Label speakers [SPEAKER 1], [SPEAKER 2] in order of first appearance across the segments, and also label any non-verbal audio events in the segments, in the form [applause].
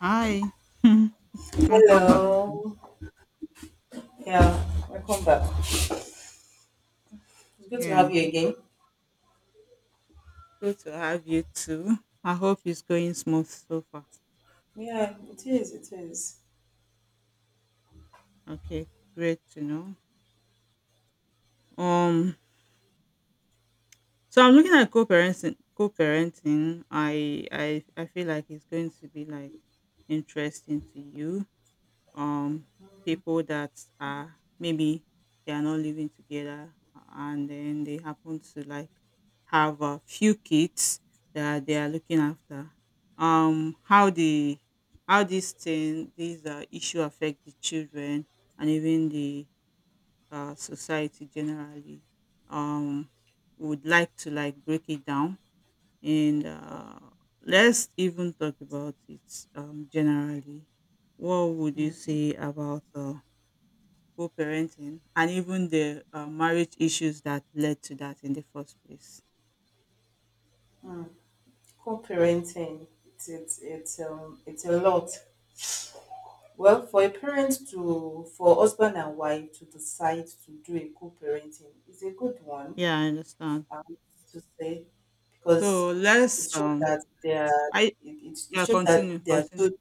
[SPEAKER 1] Hi. [laughs] Welcome back
[SPEAKER 2] Hello.
[SPEAKER 1] again.
[SPEAKER 2] Yeah, welcome back. It's good to
[SPEAKER 1] Yeah.
[SPEAKER 2] have you again.
[SPEAKER 1] Good to have you too. I hope it's going smooth so far.
[SPEAKER 2] Yeah, it is. It is
[SPEAKER 1] Okay. Great to know. Um so I'm looking at co-parenting co-parenting. I feel like it's going to be like interesting to you, um people that are maybe they are not living together, and then they happen to like have a few kids that they are looking after. How the how this thing, these issue affect the children and even the society generally. um would like to like break it down, and let's even talk about it generally. What would you say about co parenting and even the marriage issues that led to that in the first place?
[SPEAKER 2] co-parenting. It's it's a lot. Well, for a parent to for husband and wife to decide to do a co-parenting is a good one.
[SPEAKER 1] Yeah, I understand.
[SPEAKER 2] Um, to say because
[SPEAKER 1] So
[SPEAKER 2] it shows that they are
[SPEAKER 1] I,
[SPEAKER 2] it
[SPEAKER 1] yeah,
[SPEAKER 2] shows
[SPEAKER 1] continue,
[SPEAKER 2] that they are
[SPEAKER 1] continue.
[SPEAKER 2] good.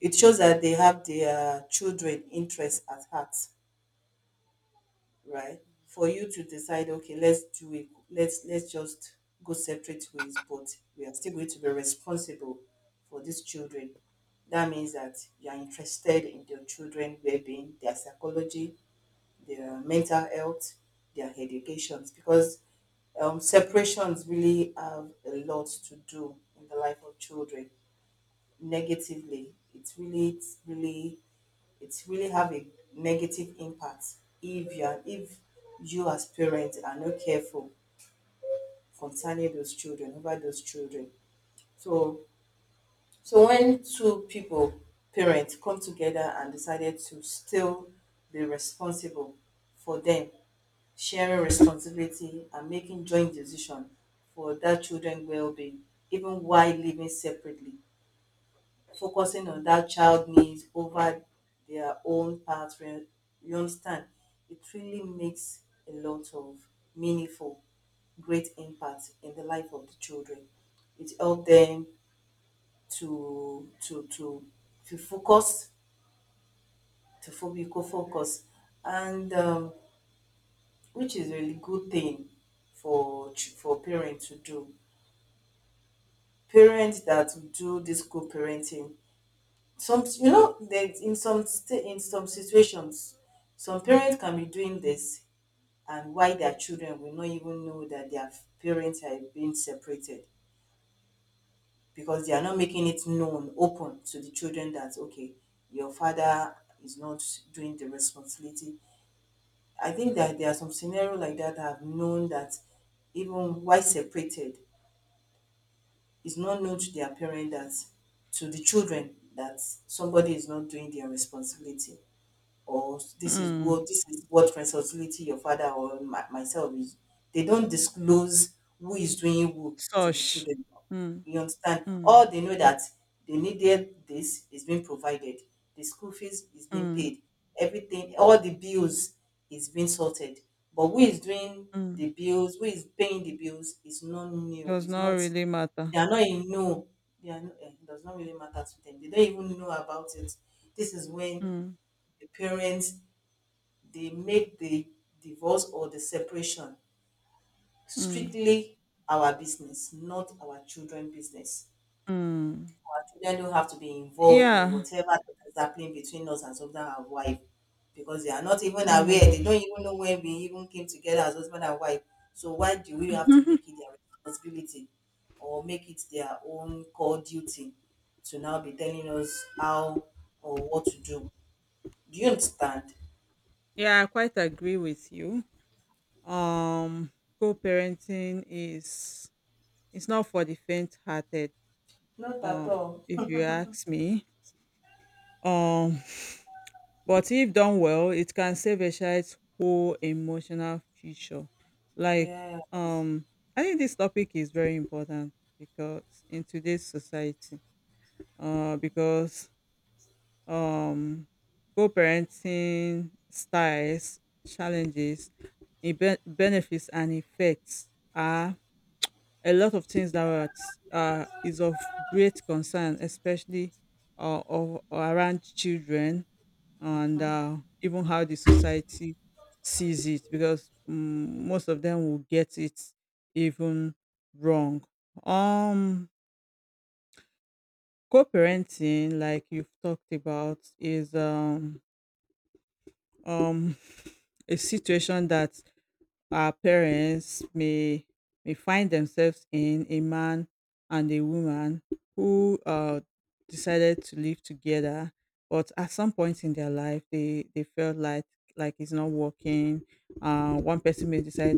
[SPEAKER 2] It shows that they have their children' interests at heart, right? For you to decide, okay, let's do it, let's just go separate ways, but we are still going to be responsible for these children. That means that you are interested in their children well-being, their psychology, their mental health, their educations, because separations really have a lot to do in the life of children negatively. It really have a negative impact if you as parents are not careful concerning those children, over those children. So so when two people parents come together and decided to still be responsible for them, sharing responsibility and making joint decision for that children well-being, even while living separately, focusing on that child needs over their own path. You understand? It really makes a lot of meaningful, great impact in the life of the children. It helps them to to to to focus, to focal focus, and which is a really good thing for for parents to do. Parents that do this co-parenting, some, you know that in some in some situations some parents can be doing this and why their children will not even know that their parents are being separated, because they are not making it known open to the children that okay, your father is not doing the responsibility. I think that there are some scenario like that I've known, that even why separated is not known to their parent, that to the children that somebody is not doing their responsibility, or this is what
[SPEAKER 1] Mm.
[SPEAKER 2] responsibility your father or myself is. They don't disclose who is doing who to the
[SPEAKER 1] Such.
[SPEAKER 2] children.
[SPEAKER 1] Mm.
[SPEAKER 2] You understand?
[SPEAKER 1] Mm.
[SPEAKER 2] All they know that they needed this is being provided. The school fees is being
[SPEAKER 1] Mm.
[SPEAKER 2] paid. Everything, all the bills is being sorted. But who is doing
[SPEAKER 1] Mm.
[SPEAKER 2] the bills, who is paying the bills, is not new,
[SPEAKER 1] Does
[SPEAKER 2] is
[SPEAKER 1] not
[SPEAKER 2] not,
[SPEAKER 1] really matter.
[SPEAKER 2] they are not in know. They are, it does not really matter to them. They don't even know about it. This is when
[SPEAKER 1] Mm.
[SPEAKER 2] the parents, they make the divorce or the separation
[SPEAKER 1] Mm.
[SPEAKER 2] strictly our business, not our children business.
[SPEAKER 1] Mm.
[SPEAKER 2] Our children don't have to be involved in
[SPEAKER 1] Yeah.
[SPEAKER 2] whatever is happening between us as husband and wife, because they are not even aware. They
[SPEAKER 1] Mm.
[SPEAKER 2] don't even know when we even came together as husband and wife. So why do we have to make it
[SPEAKER 1] [laughs]
[SPEAKER 2] their responsibility or make it their own core duty to now be telling us how or what to do? Do you understand?
[SPEAKER 1] Yeah, I quite agree with you. um Co-parenting is it's not for the faint-hearted,
[SPEAKER 2] Not at
[SPEAKER 1] uh,
[SPEAKER 2] all.
[SPEAKER 1] if you ask me. um [laughs] [sighs] but if done well, it can save a child's whole emotional future, like,
[SPEAKER 2] Yes.
[SPEAKER 1] um I think this topic is very important because in today's society, because um co-parenting styles, challenges, benefits and effects are a lot of things that is of great concern, especially around children, and even how the society sees it, because most of them will get it even wrong. Um, Co-parenting, like you've talked about, is um, [laughs] a situation that our parents may find themselves in. A man and a woman who decided to live together, but at some point in their life they felt like it's not working. One person may decide